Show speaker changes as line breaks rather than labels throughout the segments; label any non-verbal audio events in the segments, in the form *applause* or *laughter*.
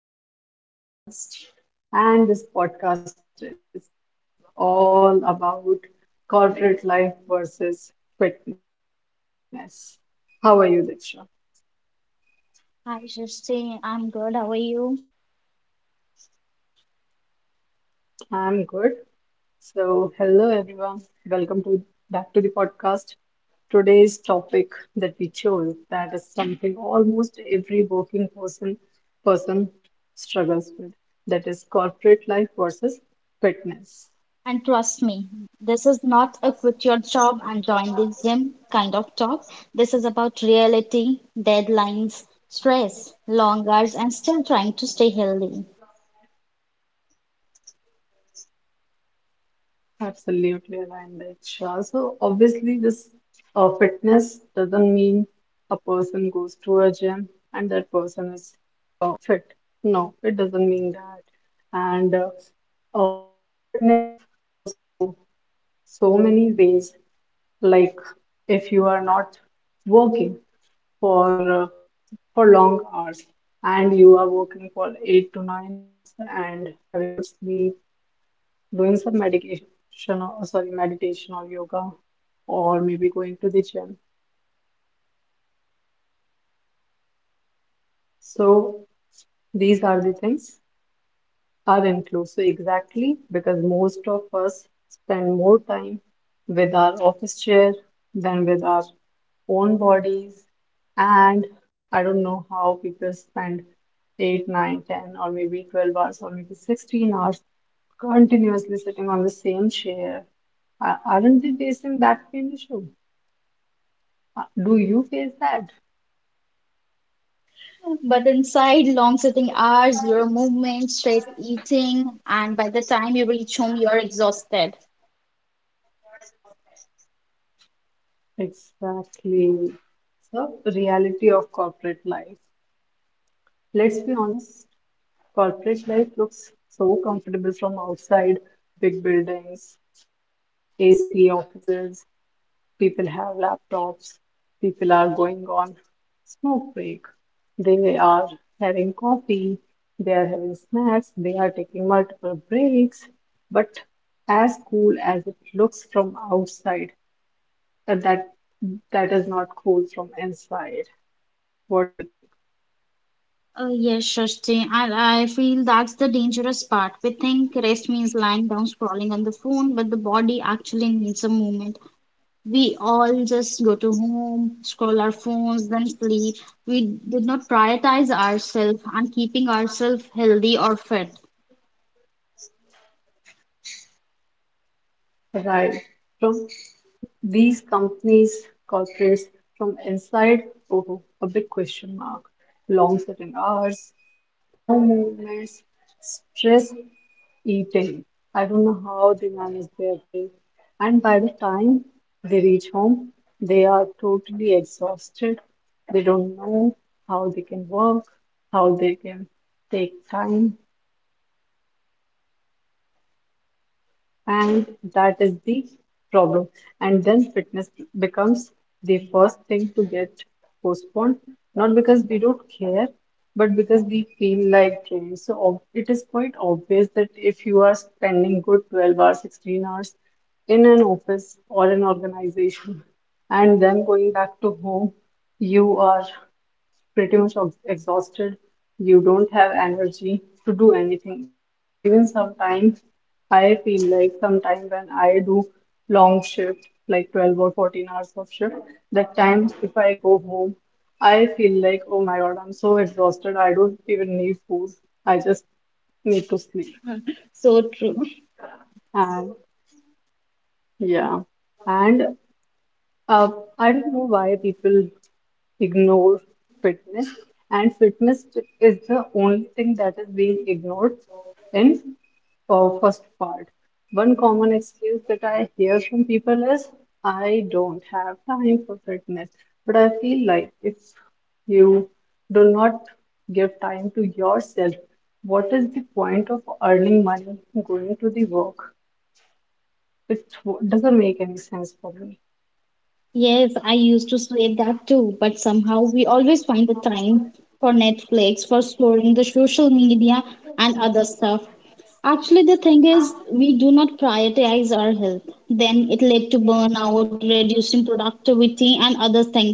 Diksha, welcome to my podcast. And this podcast is all about corporate life versus fitness. How are you, Diksha?
Hi, Srishti. I'm good. How are you?
I'm good. So, hello everyone. Welcome to back to the podcast. Today's topic that we chose that is something almost every working person struggles with. That is corporate life versus
And
fitness.
trust me, this is not a quit your job and join the gym kind of talk. This is about reality, deadlines, stress, long hours, and still trying to stay healthy.
Absolutely aligned with. So obviously, this fitness doesn't mean a person goes to a gym and that person is fit. No, it doesn't mean that. And fitness comes from so many ways. Like if you are not working for uh, for long hours and you are working for 8 to 9 hours and having good sleep doing some medication or sorry, meditation or yoga, or maybe going to the gym. So these are the things. Are inclusive exactly because most of us spend more time with our office chair than with our own bodies and I don't know how people spend 8 9, 10, or maybe 12 hours or maybe 16 hours continuously sitting on the same chair. Aren't they facing that same issue? Do you face that?
But inside, long sitting hours, your movement, stress eating, and by the time you reach home, you're exhausted.
Exactly. So reality of corporate life, let's be honest. Corporate life looks so comfortable from outside. Big buildings, AC offices, people have laptops, people are going on smoke break. They are having coffee, they are having snacks, they are taking multiple breaks. But as cool as it looks from outside, uh, that that is not cool from inside. What do you think?
Oh, yes, Shashti, and I feel that's the dangerous part. We think rest means lying down scrolling on the phone, but the body actually needs a movement. We all just go to home, scroll our phones, then sleep. We did not prioritize ourselves and keeping ourselves healthy or fit.
Right. From these companies, corporates from inside, oh, a big question mark. Long sitting hours, no movements, stress eating. I don't know how they manage their day. And by the time they reach home, they are totally exhausted. They don't know how they can work, how they can take time, and that is the problem. And then fitness becomes the first thing to get postponed, not because we don't care, but because we feel like drained. So it is quite obvious that if you are spending good 12 hours, 16 hours in an office or an organization, and then going back to home, you are pretty much exhausted. You don't have energy to do anything. Even sometimes I feel like sometimes when I do long shift, like 12 or 14 hours of shift, that time if I go home, I feel like, oh my God, I'm so exhausted. I don't even need food. I just need to sleep.
So true.
And yeah, and uh, I don't know why people ignore fitness, and fitness is the only thing that is being ignored in first part. One common excuse that I hear from people is, I don't have time for fitness. But I feel like if you do not give time to yourself, what is the point of earning money going to the work? It doesn't make any sense for me.
Yes, I used to slate that too, but somehow we always find the time for Netflix, for scrolling the social media and other stuff. Actually, the thing is, we do not prioritize our health. Then it led to burnout, reducing productivity, and other things.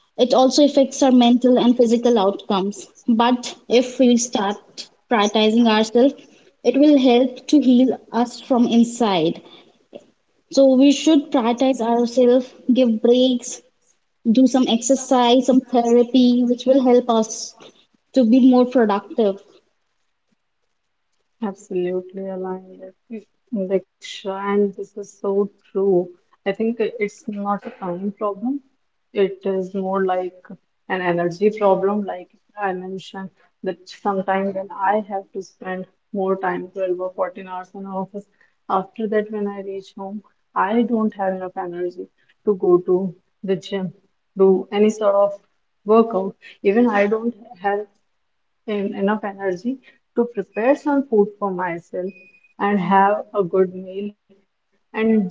It also affects our mental and physical outcomes. But if we start prioritizing ourselves, it will help to heal us from inside. So we should prioritize ourselves, give breaks, do some exercise, some therapy, which will help us to be more productive.
Absolutely aligned with you, Diksha, and this is so true. I think it's not a time problem. It is more like an energy problem, like I mentioned, that sometimes when I have to spend more time, 12 or 14 hours in office, after that, when I reach home, I don't have enough energy to go to the gym, do any sort of workout. Even I don't have and enough energy to prepare some food for myself and have a good meal and then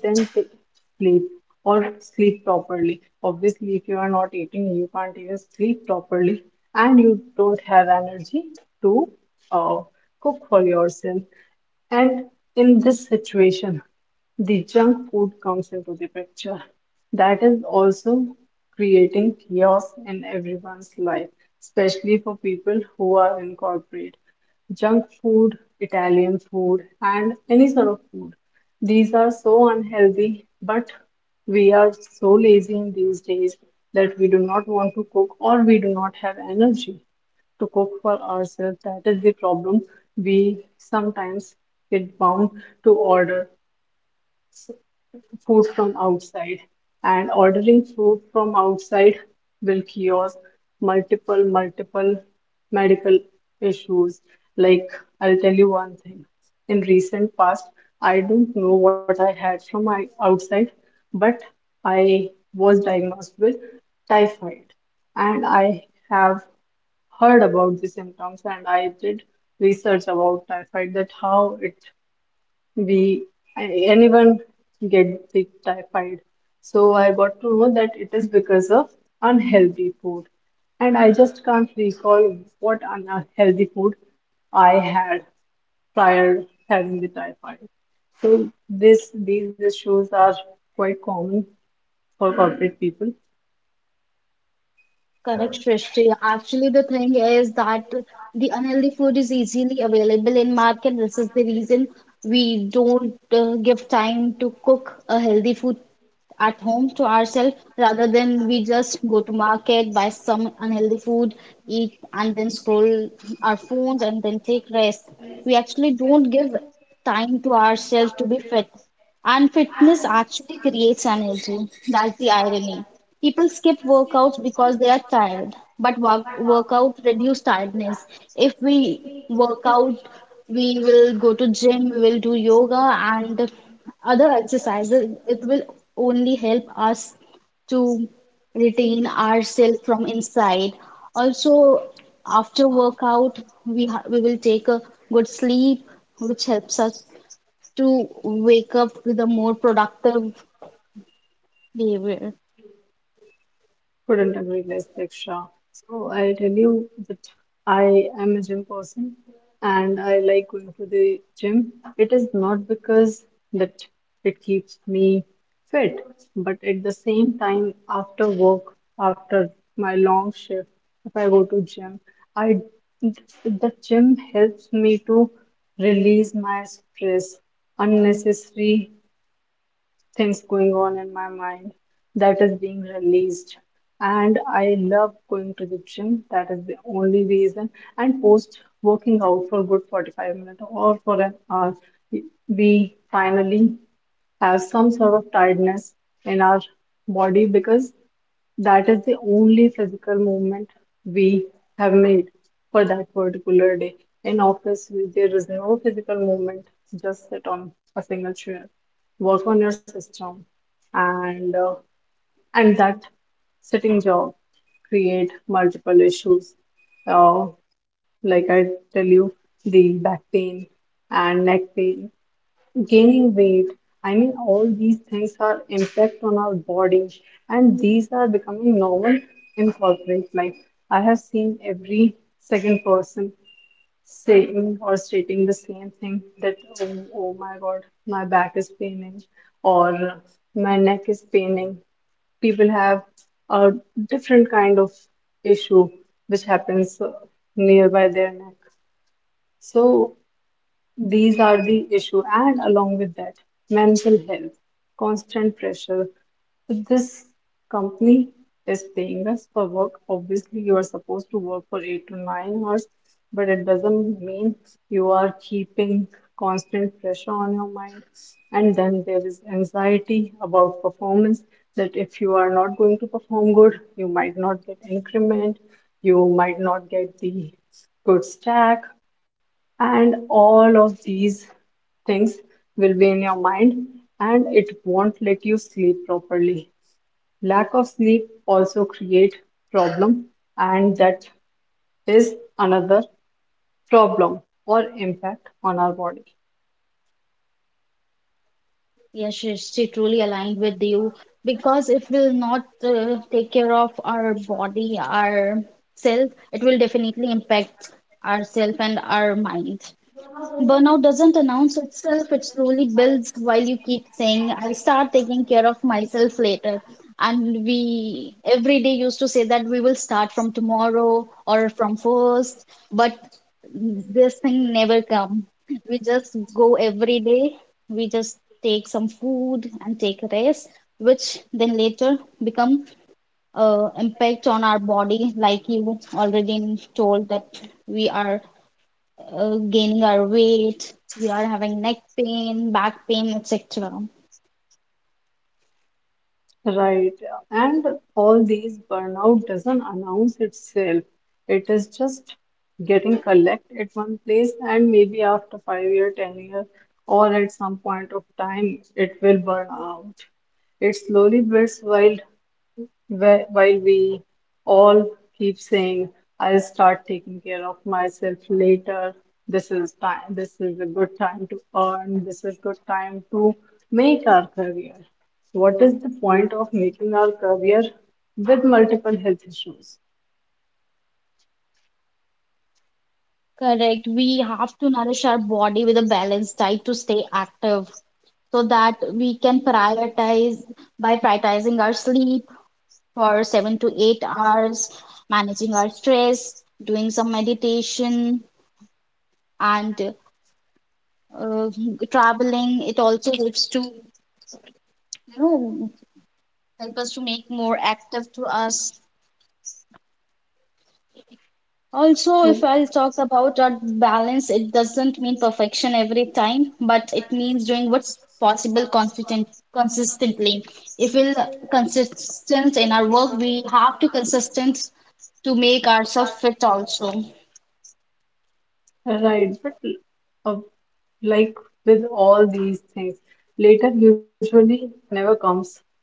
sleep or sleep properly. Obviously, if you are not eating, you can't even sleep properly and you don't have energy to uh, cook for yourself. And in this situation, the junk food comes into the picture. That is also creating chaos in everyone's life, especially for people who are in corporate. Junk food, Italian food, and any sort of food. These are so unhealthy, but we are so lazy in these days that we do not want to cook or we do not have energy to cook for ourselves. That is the problem. We sometimes get bound to order food from outside, and ordering food from outside will cause multiple, multiple medical issues. Like, I'll tell you one thing. In recent past, I don't know what I had from my outside, but I was diagnosed with typhoid, and I have heard about the symptoms and I did research about typhoid that how it we anyone get the typhoid. So I got to know that it is because of unhealthy food. And I just can't recall what unhealthy food I had prior having the typhoid. So this these issues are quite common for corporate people.
Correct, Shrishti. Actually, the thing is that the unhealthy food is easily available in market. This is the reason we don't give time to cook a healthy food at home to ourselves rather than we just go to market, buy some unhealthy food, eat, and then scroll our phones and then take rest. We actually don't give time to ourselves to be fit. And fitness actually creates energy. That's the irony. People skip workouts because they are tired, but workout reduce tiredness. If we work out, we will go to gym, we will do yoga and other exercises. It will only help us to retain ourselves from inside. Also, after workout, we will take a good sleep, which helps us to wake up with a more productive behavior.
Couldn't agree less, Diksha. So I'll tell you that I am a gym person and I like going to the gym. It is not because that it keeps me fit, but at the same time, after work, after my long shift, if I go to gym, I the gym helps me to release my stress, unnecessary things going on in my mind that is being released and I love going to the gym. That is the only reason. And post working out for good 45 minutes or for an hour, we finally have some sort of tiredness in our body because that is the only physical movement we have made for that particular day. In office, there is no physical movement, just sit on a single chair, work on your system, and and that sitting job create multiple issues. Uh, like I tell you, the back pain and neck pain gaining weight. I mean, all these things are impact on our body, and these are becoming normal in corporate life. I have seen every second person saying or stating the same thing that, oh, oh my God, my back is paining, or my neck is paining. People have a different kind of issue which happens nearby their neck. So these are the issue, and along with that, mental health, constant pressure. If this company is paying us for work, obviously you are supposed to work for 8 to 9 hours, but it doesn't mean you are keeping constant pressure on your mind. And then there is anxiety about performance that if you are not going to perform good, you might not get increment, you might not get the good stack, and all of these things will be in your mind and it won't let you sleep properly. Lack of sleep also create problem, and that is another problem or impact on our body.
Yes, she truly aligned with you because if we'll not take care of our body, our self, it will definitely impact ourself and our mind. Burnout doesn't announce itself, it slowly builds while you keep saying, I'll start taking care of myself later. And we every day used to say that we will start from tomorrow or from first, but this thing never come. We just go every day, we just take some food and take a rest, which then later become impact on our body, like you already told that we are gaining our weight, we are having neck pain, back pain, etc.
Right. And all these burnout doesn't announce itself. It is just getting collect at one place and maybe after 5 year, 10 year, or at some point of time it will burn out. It slowly builds while we all keep saying, I'll start taking care of myself later. This is time, this is a good time to earn. This is good time to make our career. What is the point of making our career with multiple health issues?
Correct. We have to nourish our body with a balanced diet to stay active so that we can prioritize by prioritizing our sleep for 7 to 8 hours, managing our stress, doing some meditation, and uh, traveling. It also helps to, you know, help us to make more active to us. Also, if
So,
I'll talk about our balance, it doesn't mean perfection every time, but it means doing what's possible consistently. If we're consistent in our work, we have to consistent to make ourselves fit also.
right, but uh, like with all these things, later usually never comes,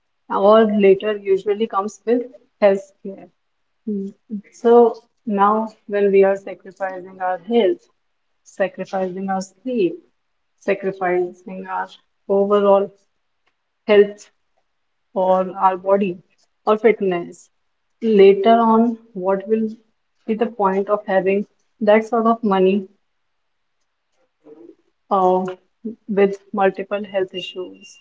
or later usually comes with health care. Mm. So now, when we are sacrificing our health, sacrificing our sleep, sacrificing our overall health or our body or fitness, later on, what will be the point of having that sort of money uh, with multiple health issues.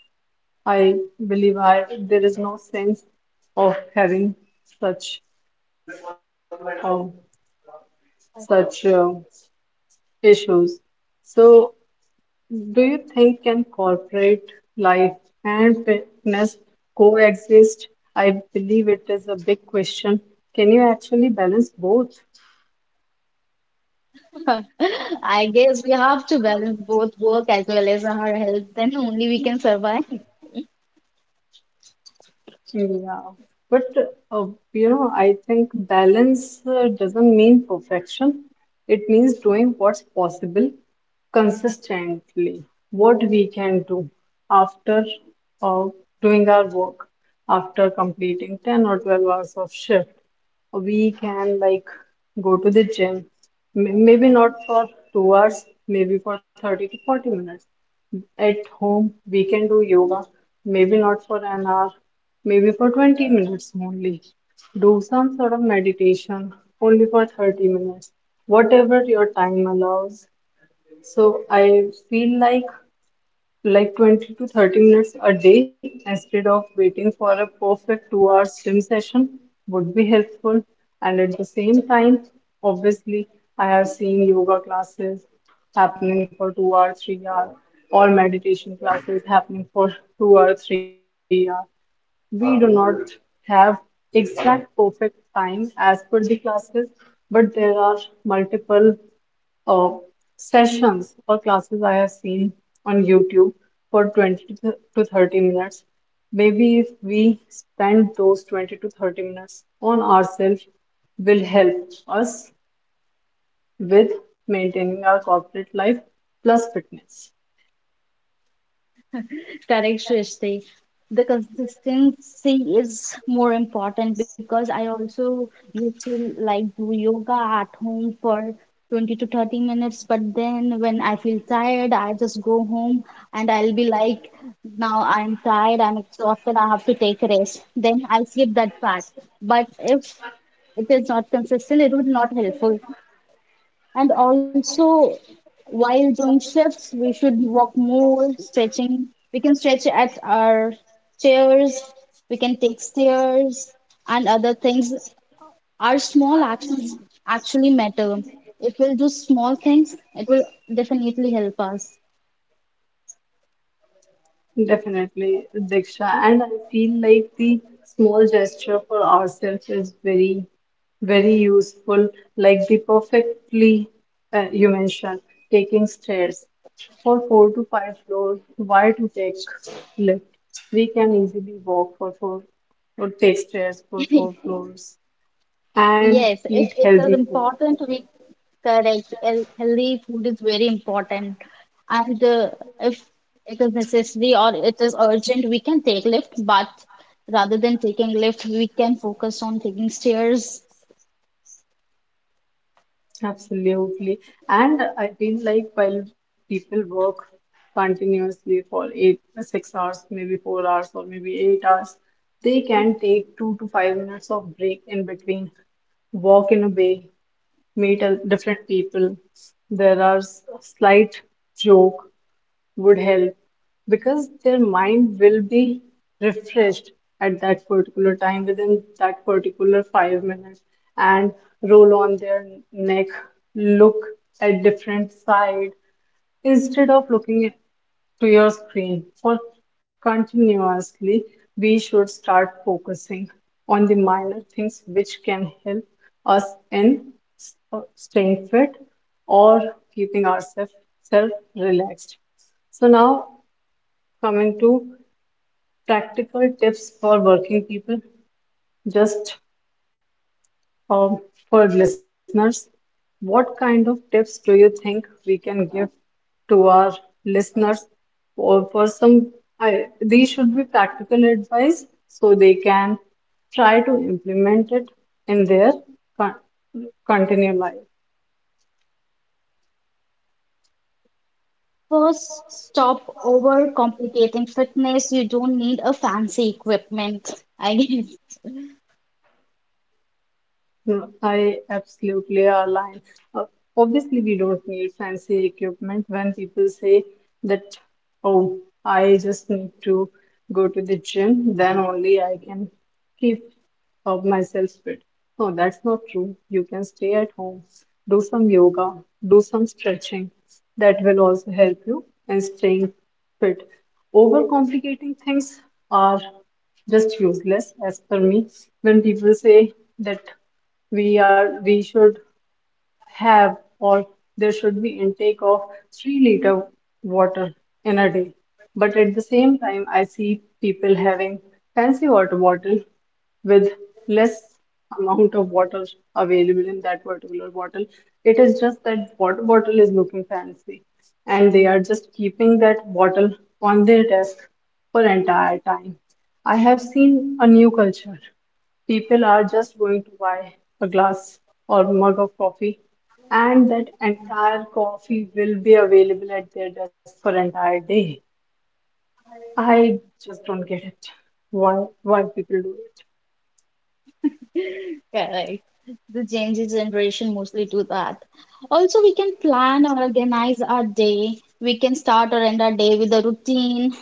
I believe there is no sense of having such uh, such issues. So, do you think can corporate life and fitness coexist? I believe it is a big question. Can you actually balance both?
*laughs* I guess we have to balance both work as well as our health, then only we can survive.
Yeah, but uh, you know, I think balance doesn't mean perfection. It means doing what's possible consistently, what we can do after uh, doing our work, after completing 10 or 12 hours of shift. We can like go to the gym, maybe not for 2 hours, maybe for 30 to 40 minutes, at home, we can do yoga, maybe not for an hour, maybe for 20 minutes only. Do some sort of meditation only for 30 minutes, whatever your time allows. So I feel like 20 to 30 minutes a day instead of waiting for a perfect 2 hour gym session would be helpful. And at the same time, obviously, I have seen yoga classes happening for 2 hour, 3 hour, or meditation classes happening for 2 or 3 hour. We do not have exact perfect time as per the classes, but there are multiple uh, sessions or classes I have seen on YouTube for 20 to 30 minutes. Maybe if we spend those 20 to 30 minutes on ourselves, will help us with maintaining our corporate life plus fitness.
Correct. The consistency is more important because I also used to like do yoga at home for 20 to 30 minutes, but then when I feel tired, I just go home and I'll be like, now I'm tired, I'm exhausted, I have to take a rest. Then I'll skip that part. But if it is not consistent, it would not helpful. And also, while doing shifts, we should walk more, stretching. We can stretch at our chairs, we can take stairs and other things. Our small actions actually matter. If we'll do small things, it will definitely help us.
Definitely, Diksha. And I feel like the small gesture for ourselves is very very useful, like the perfectly you mentioned, taking stairs for four to five floors. Why to take lift? We can easily walk for four or take stairs for four
*laughs*
floors and
Yes,
eat
it
healthy
is
food.
important to be correct. Heal- Healthy food is very important. And if it is necessary or it is urgent, we can take lift. But rather than taking lift, we can focus on taking stairs.
Absolutely. And I feel like while people work continuously for eight, 6 hours, maybe 4 hours, or maybe 8 hours, they can take 2 to 5 minutes of break in between, walk in a bay, meet a different people. There are slight joke would help because their mind will be refreshed at that particular time within that particular 5 minutes and roll on their neck, look at different side instead of looking at to your screen for continuously. We should start focusing on the minor things which can help us in staying fit or keeping ourselves self relaxed. So now, coming to practical tips for working people, just um, for listeners, what kind of tips do you think we can give to our listeners or for some these should be practical advice so they can try to implement it in their con- continuum life.
First, stop overcomplicating fitness. You don't need a fancy equipment, *laughs* I guess.
No, I absolutely align. Uh, Obviously, we don't need fancy equipment when people say that, oh, I just need to go to the gym, then only I can keep myself fit. No, that's not true. You can stay at home, do some yoga, do some stretching. That will also help you in staying fit. Overcomplicating things are just useless as per me when people say that we should have or there should be intake of 3-liter water in a day. But at the same time, I see people having fancy water bottle with less amount of water available in that particular bottle. It is just that water bottle is looking fancy, and they are just keeping that bottle on their desk for entire time. I have seen a new culture. People are just going to buy a glass or mug of coffee, and that entire coffee will be available at their desk for entire day. I just don't get it. Why people do it?
Correct. The Gen Z generation mostly do that. Also, we can plan or organize our day. We can start or end our day with a routine,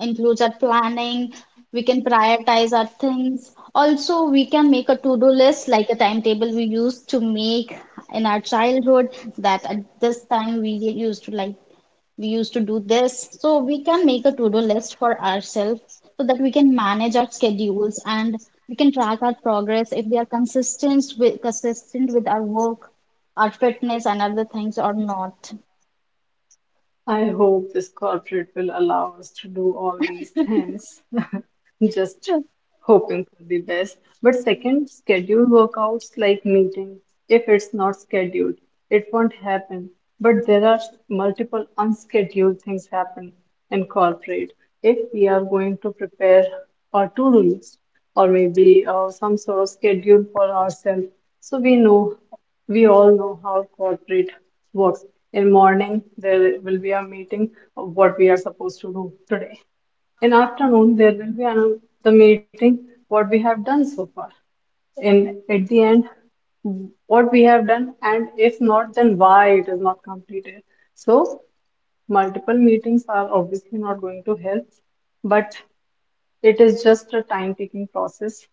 includes our planning. We can prioritize our things. Also, we can make a to-do list like a timetable we used to make in our childhood that at this time we used to do this. So we can make a to-do list for ourselves so that we can manage our schedules and we can track our progress if we are consistent with our work, our fitness and other things or not.
I hope this corporate will allow us to do all these things. Just hoping for the best. But second, scheduled workouts like meetings. If it's not scheduled, it won't happen. But there are multiple unscheduled things happen in corporate. If we are going to prepare our to-do list or maybe some sort of schedule for ourselves, so we know, we all know how corporate works. In morning, there will be a meeting of what we are supposed to do today. In afternoon, there will be the meeting, what we have done so far. In at the end, what we have done, and if not, then why it is not completed. So multiple meetings are obviously not going to help, but it is just a time-taking process,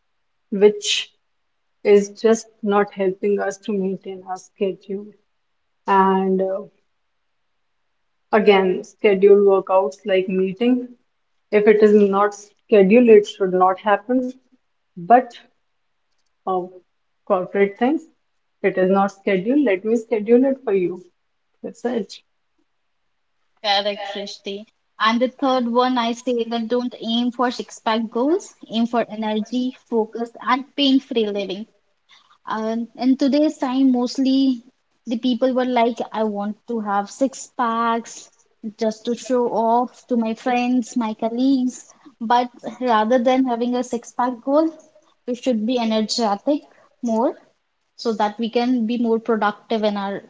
which is just not helping us to maintain our schedule. And Again, scheduled workouts like meeting. If it is not scheduled, it should not happen. But uh, corporate things, it is not scheduled. Let me schedule it for you. That's it.
Correct, Srishti. And the third one, I say that don't aim for six-pack goals, aim for energy, focus, and pain-free living. And in today's time, mostly the people were like, I want to have six packs just to show off to my friends, my colleagues. But rather than having a six pack goal, we should be energetic more so that we can be more productive in our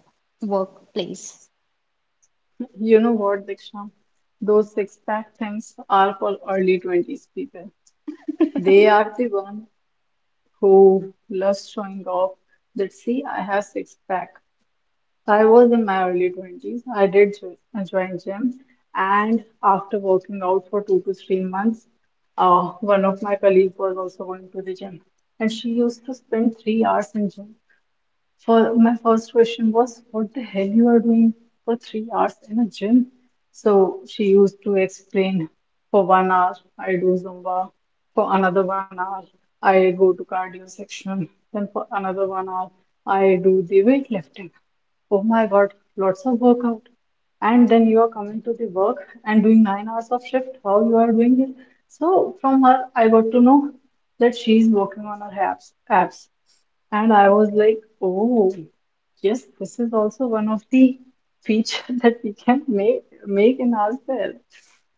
workplace.
*laughs* You know what, Diksha? Those six pack things are for early 20s people. They are the one who loves showing off that, see, I have six pack. I was in my early 20s. I did join gym, and after working out for 2 to 3 months, one of my colleagues was also going to the gym, and she used to spend 3 hours in gym. For my first question was, what the hell you are doing for 3 hours in a gym? So she used to explain, for 1 hour I do Zumba, for another 1 hour I go to cardio section, then for another 1 hour I do the weightlifting. Oh my God, lots of workout. And then you are coming to the work and doing 9 hours of shift, how you are doing it. So from her, I got to know that she is working on her abs. And I was like, oh, yes, this is also one of the feature *laughs* that we can make in ourselves.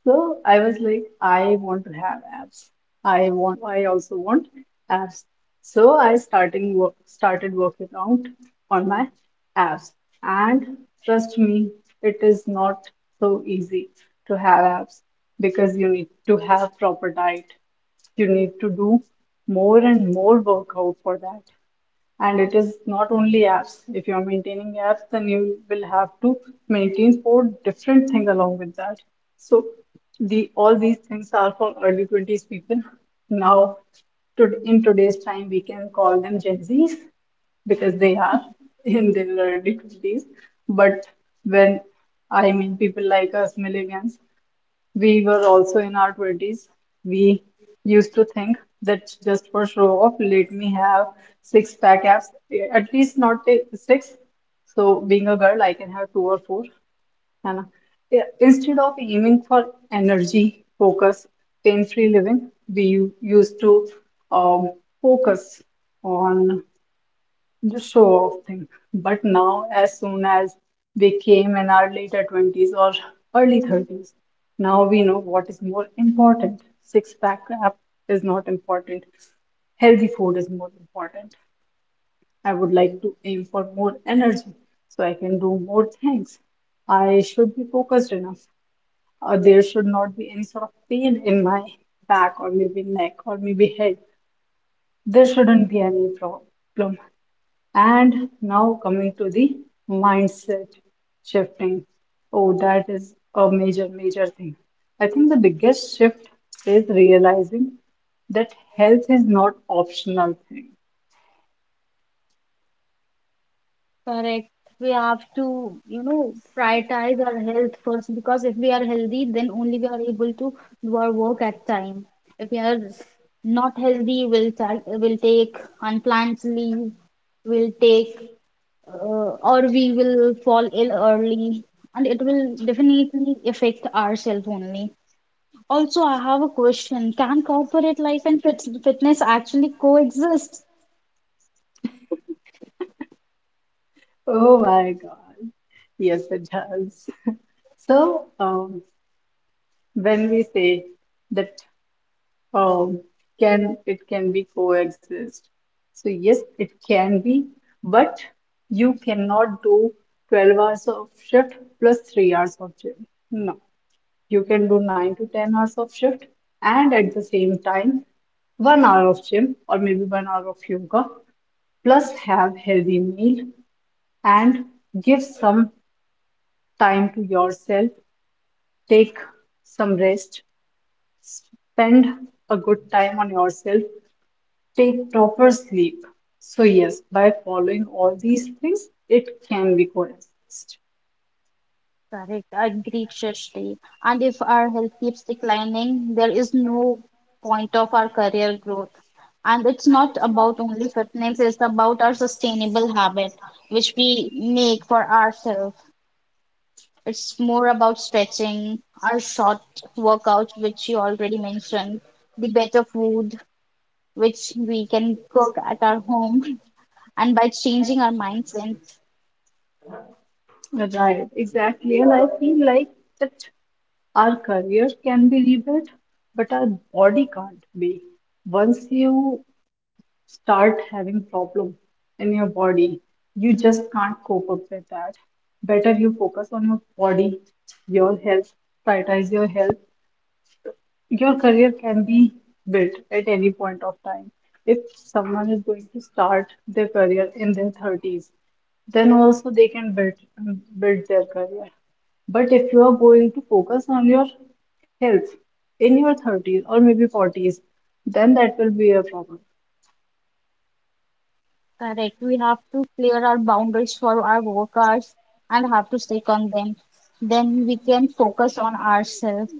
So I was like, I want to have abs. I also want abs. So I started working out on my abs. And trust me, it is not so easy to have abs because you need to have proper diet. You need to do more and more workout for that, and it is not only apps. If you are maintaining apps, then you will have to maintain four different things along with that. So the all these things are for early 20s people. Now in today's time, we can call them gen z's because they are *laughs* in their early 20s. But when I mean people like us millennials, we were also in our 20s. We used to think that just for show off, let me have six pack abs, at least not six. So, being a girl, I can have two or four. And Yeah, instead of aiming for energy, focus, pain free living, we used to um, focus on the show off thing. But now, as soon as we came in our later 20s or early 30s, now we know what is more important. Six pack app is not important. Healthy food is more important. I would like to aim for more energy so I can do more things. I should be focused enough. There should not be any sort of pain in my back or maybe neck or maybe head. There shouldn't be any problem. And now coming to the mindset shifting. Oh, that is a major, major thing. I think the biggest shift is realizing that health is not optional thing.
Correct. We have to, you know, prioritize our health first because if we are healthy, then only we are able to do our work at time. If we are not healthy, we'll take unplanned leave, we'll take, or we will fall ill early, and it will definitely affect ourselves only. Also, I have a question. Can corporate life and fitness actually coexist?
Oh my God. Yes, it does. So, when we say that um, can it can be coexist. So yes, it can be, but you cannot do 12 hours of shift plus 3 hours of gym. No, you can do 9 to 10 hours of shift, and at the same time 1 hour of gym or maybe 1 hour of yoga plus have healthy meal, and give some time to yourself, take some rest, spend a good time on yourself, take proper sleep. So, yes, by following all these things, it can be coexist.
Correct, agreed, Shashti. And if our health keeps declining, there is no point of our career growth. And it's not about only fitness, it's about our sustainable habit, which we make for ourselves. It's more about stretching, our short workouts, which you already mentioned, the better food, which we can cook at our home, *laughs* and by changing our mindset.
Right, exactly. And I feel like that our career can be rebuilt, but our body can't be. Once you start having problem in your body, you just can't cope up with that. Better you focus on your body, your health, prioritize your health. Your career can be built at any point of time. If someone is going to start their career in their 30s, then also they can build their career. But if you are going to focus on your health in your 30s or maybe 40s, then that will be a problem,
Correct. We have to clear our boundaries for our workers and have to stick on them. Then we can focus on ourselves.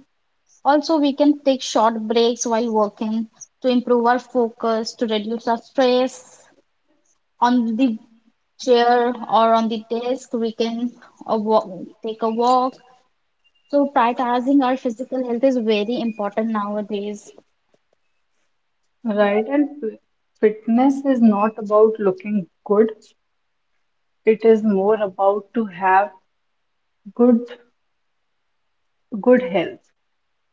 Also, we can take short breaks while working to improve our focus, to reduce our stress on the chair or on the desk. We can walk, take a walk. So prioritizing our physical health is very important nowadays.
right? And fitness is not about looking good. It is more about to have good good health.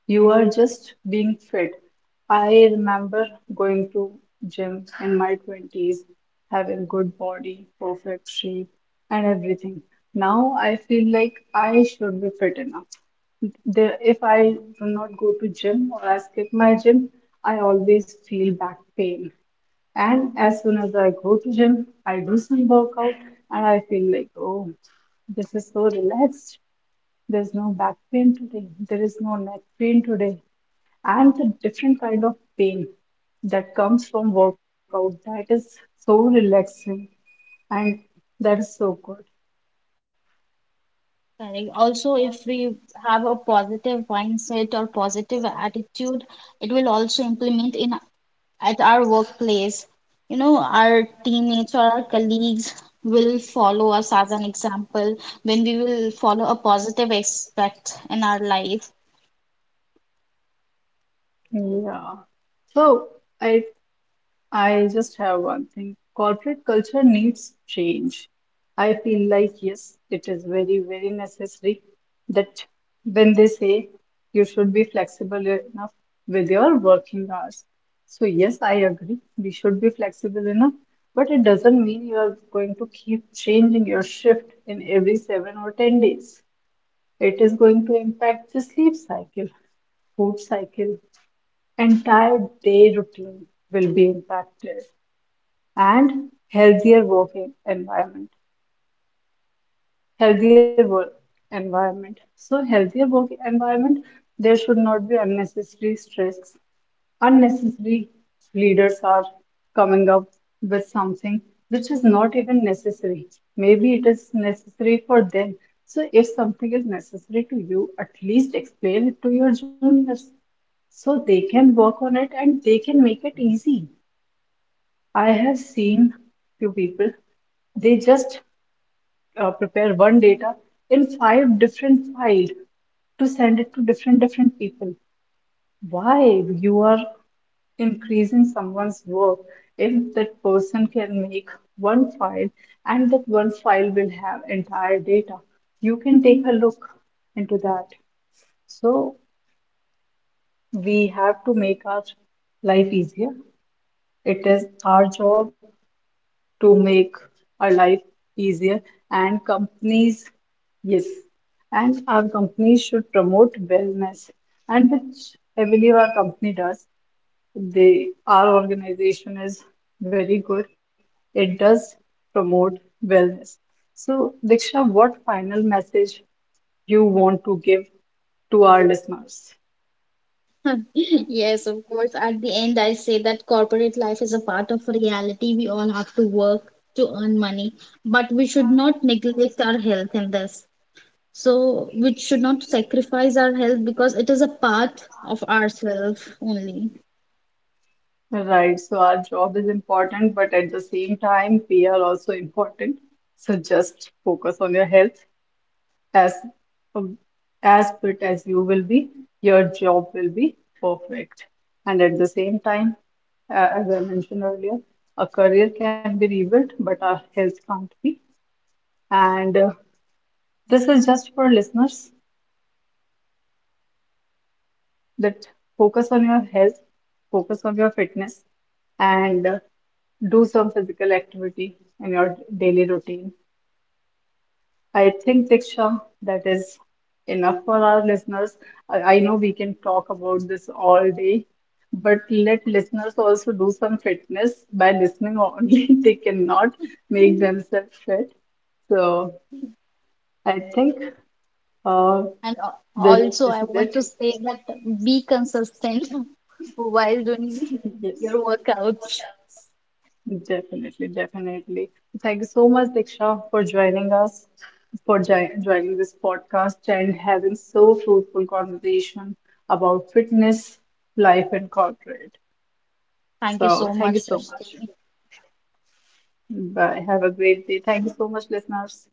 You are just being fit. I remember going to gym in my 20s, having good body, perfect shape, and everything. Now I feel like I should be fit enough. There, if I do not go to gym or I skip my gym, I always feel back pain. And as soon as I go to gym, I do some workout and I feel like, oh, this is so relaxed. There's no back pain today. There is no neck pain today. And the different kind of pain that comes from workout that is so relaxing, and that is so good.
Correct. Also, if we have a positive mindset or positive attitude, it will also implement in at our workplace. You know, our teammates or our colleagues will follow us as an example when we will follow a positive aspect in our life.
Yeah. So I I just have one thing. Corporate culture needs change. I feel like, yes, it is very, very necessary that when they say you should be flexible enough with your working hours. So, yes, I agree. We should be flexible enough, but it doesn't mean you are going to keep changing your shift in every 7 or 10 days. It is going to impact the sleep cycle, food cycle, entire day routine will be impacted. And healthier working environment healthier work environment so healthier work environment, there should not be unnecessary stress. Unnecessary leaders are coming up with something which is not even necessary, maybe it is necessary for them. So if something is necessary to you, at least explain it to your juniors so they can work on it and they can make it easy. I have seen few people, they just prepare one data in five different files to send it to different people. Why you are increasing someone's work if that person can make one file, and that one file will have entire data? You can take a look into that. So we have to make our life easier. It is our job to make our life easier. And companies, yes, and our companies should promote wellness, and which I believe our company does. They, our organization is very good. It does promote wellness. So Diksha, what final message you want to give to our listeners?
*laughs* Yes, of course. At the end, I say that corporate life is a part of reality. We all have to work to earn money, but we should not neglect our health in this. So we should not sacrifice our health because it is a part of ourselves only.
Right, so our job is important, but at the same time, we are also important. So just focus on your health, as um, as fit as you will be, your job will be perfect. And at the same time, as I mentioned earlier, a career can be rebuilt, but our health can't be. And This is just for listeners. That focus on your health, focus on your fitness, and do some physical activity in your daily routine. I think, Diksha, that is enough for our listeners. I know we can talk about this all day, but let listeners also do some fitness by listening only. *laughs* They cannot make themselves fit. So I think uh,
And
this,
also,
this
I
is
want
it.
to say that be consistent *laughs* while doing
Yes.
*laughs* your workouts.
Definitely, definitely. Thank you so much, Diksha, for joining us, for joining this podcast and having so fruitful conversation about fitness, life, and corporate.
Thank you
So
so
thank you
much,
so much.
Srishti.
Bye. Have a great day. Thank you so much, listeners.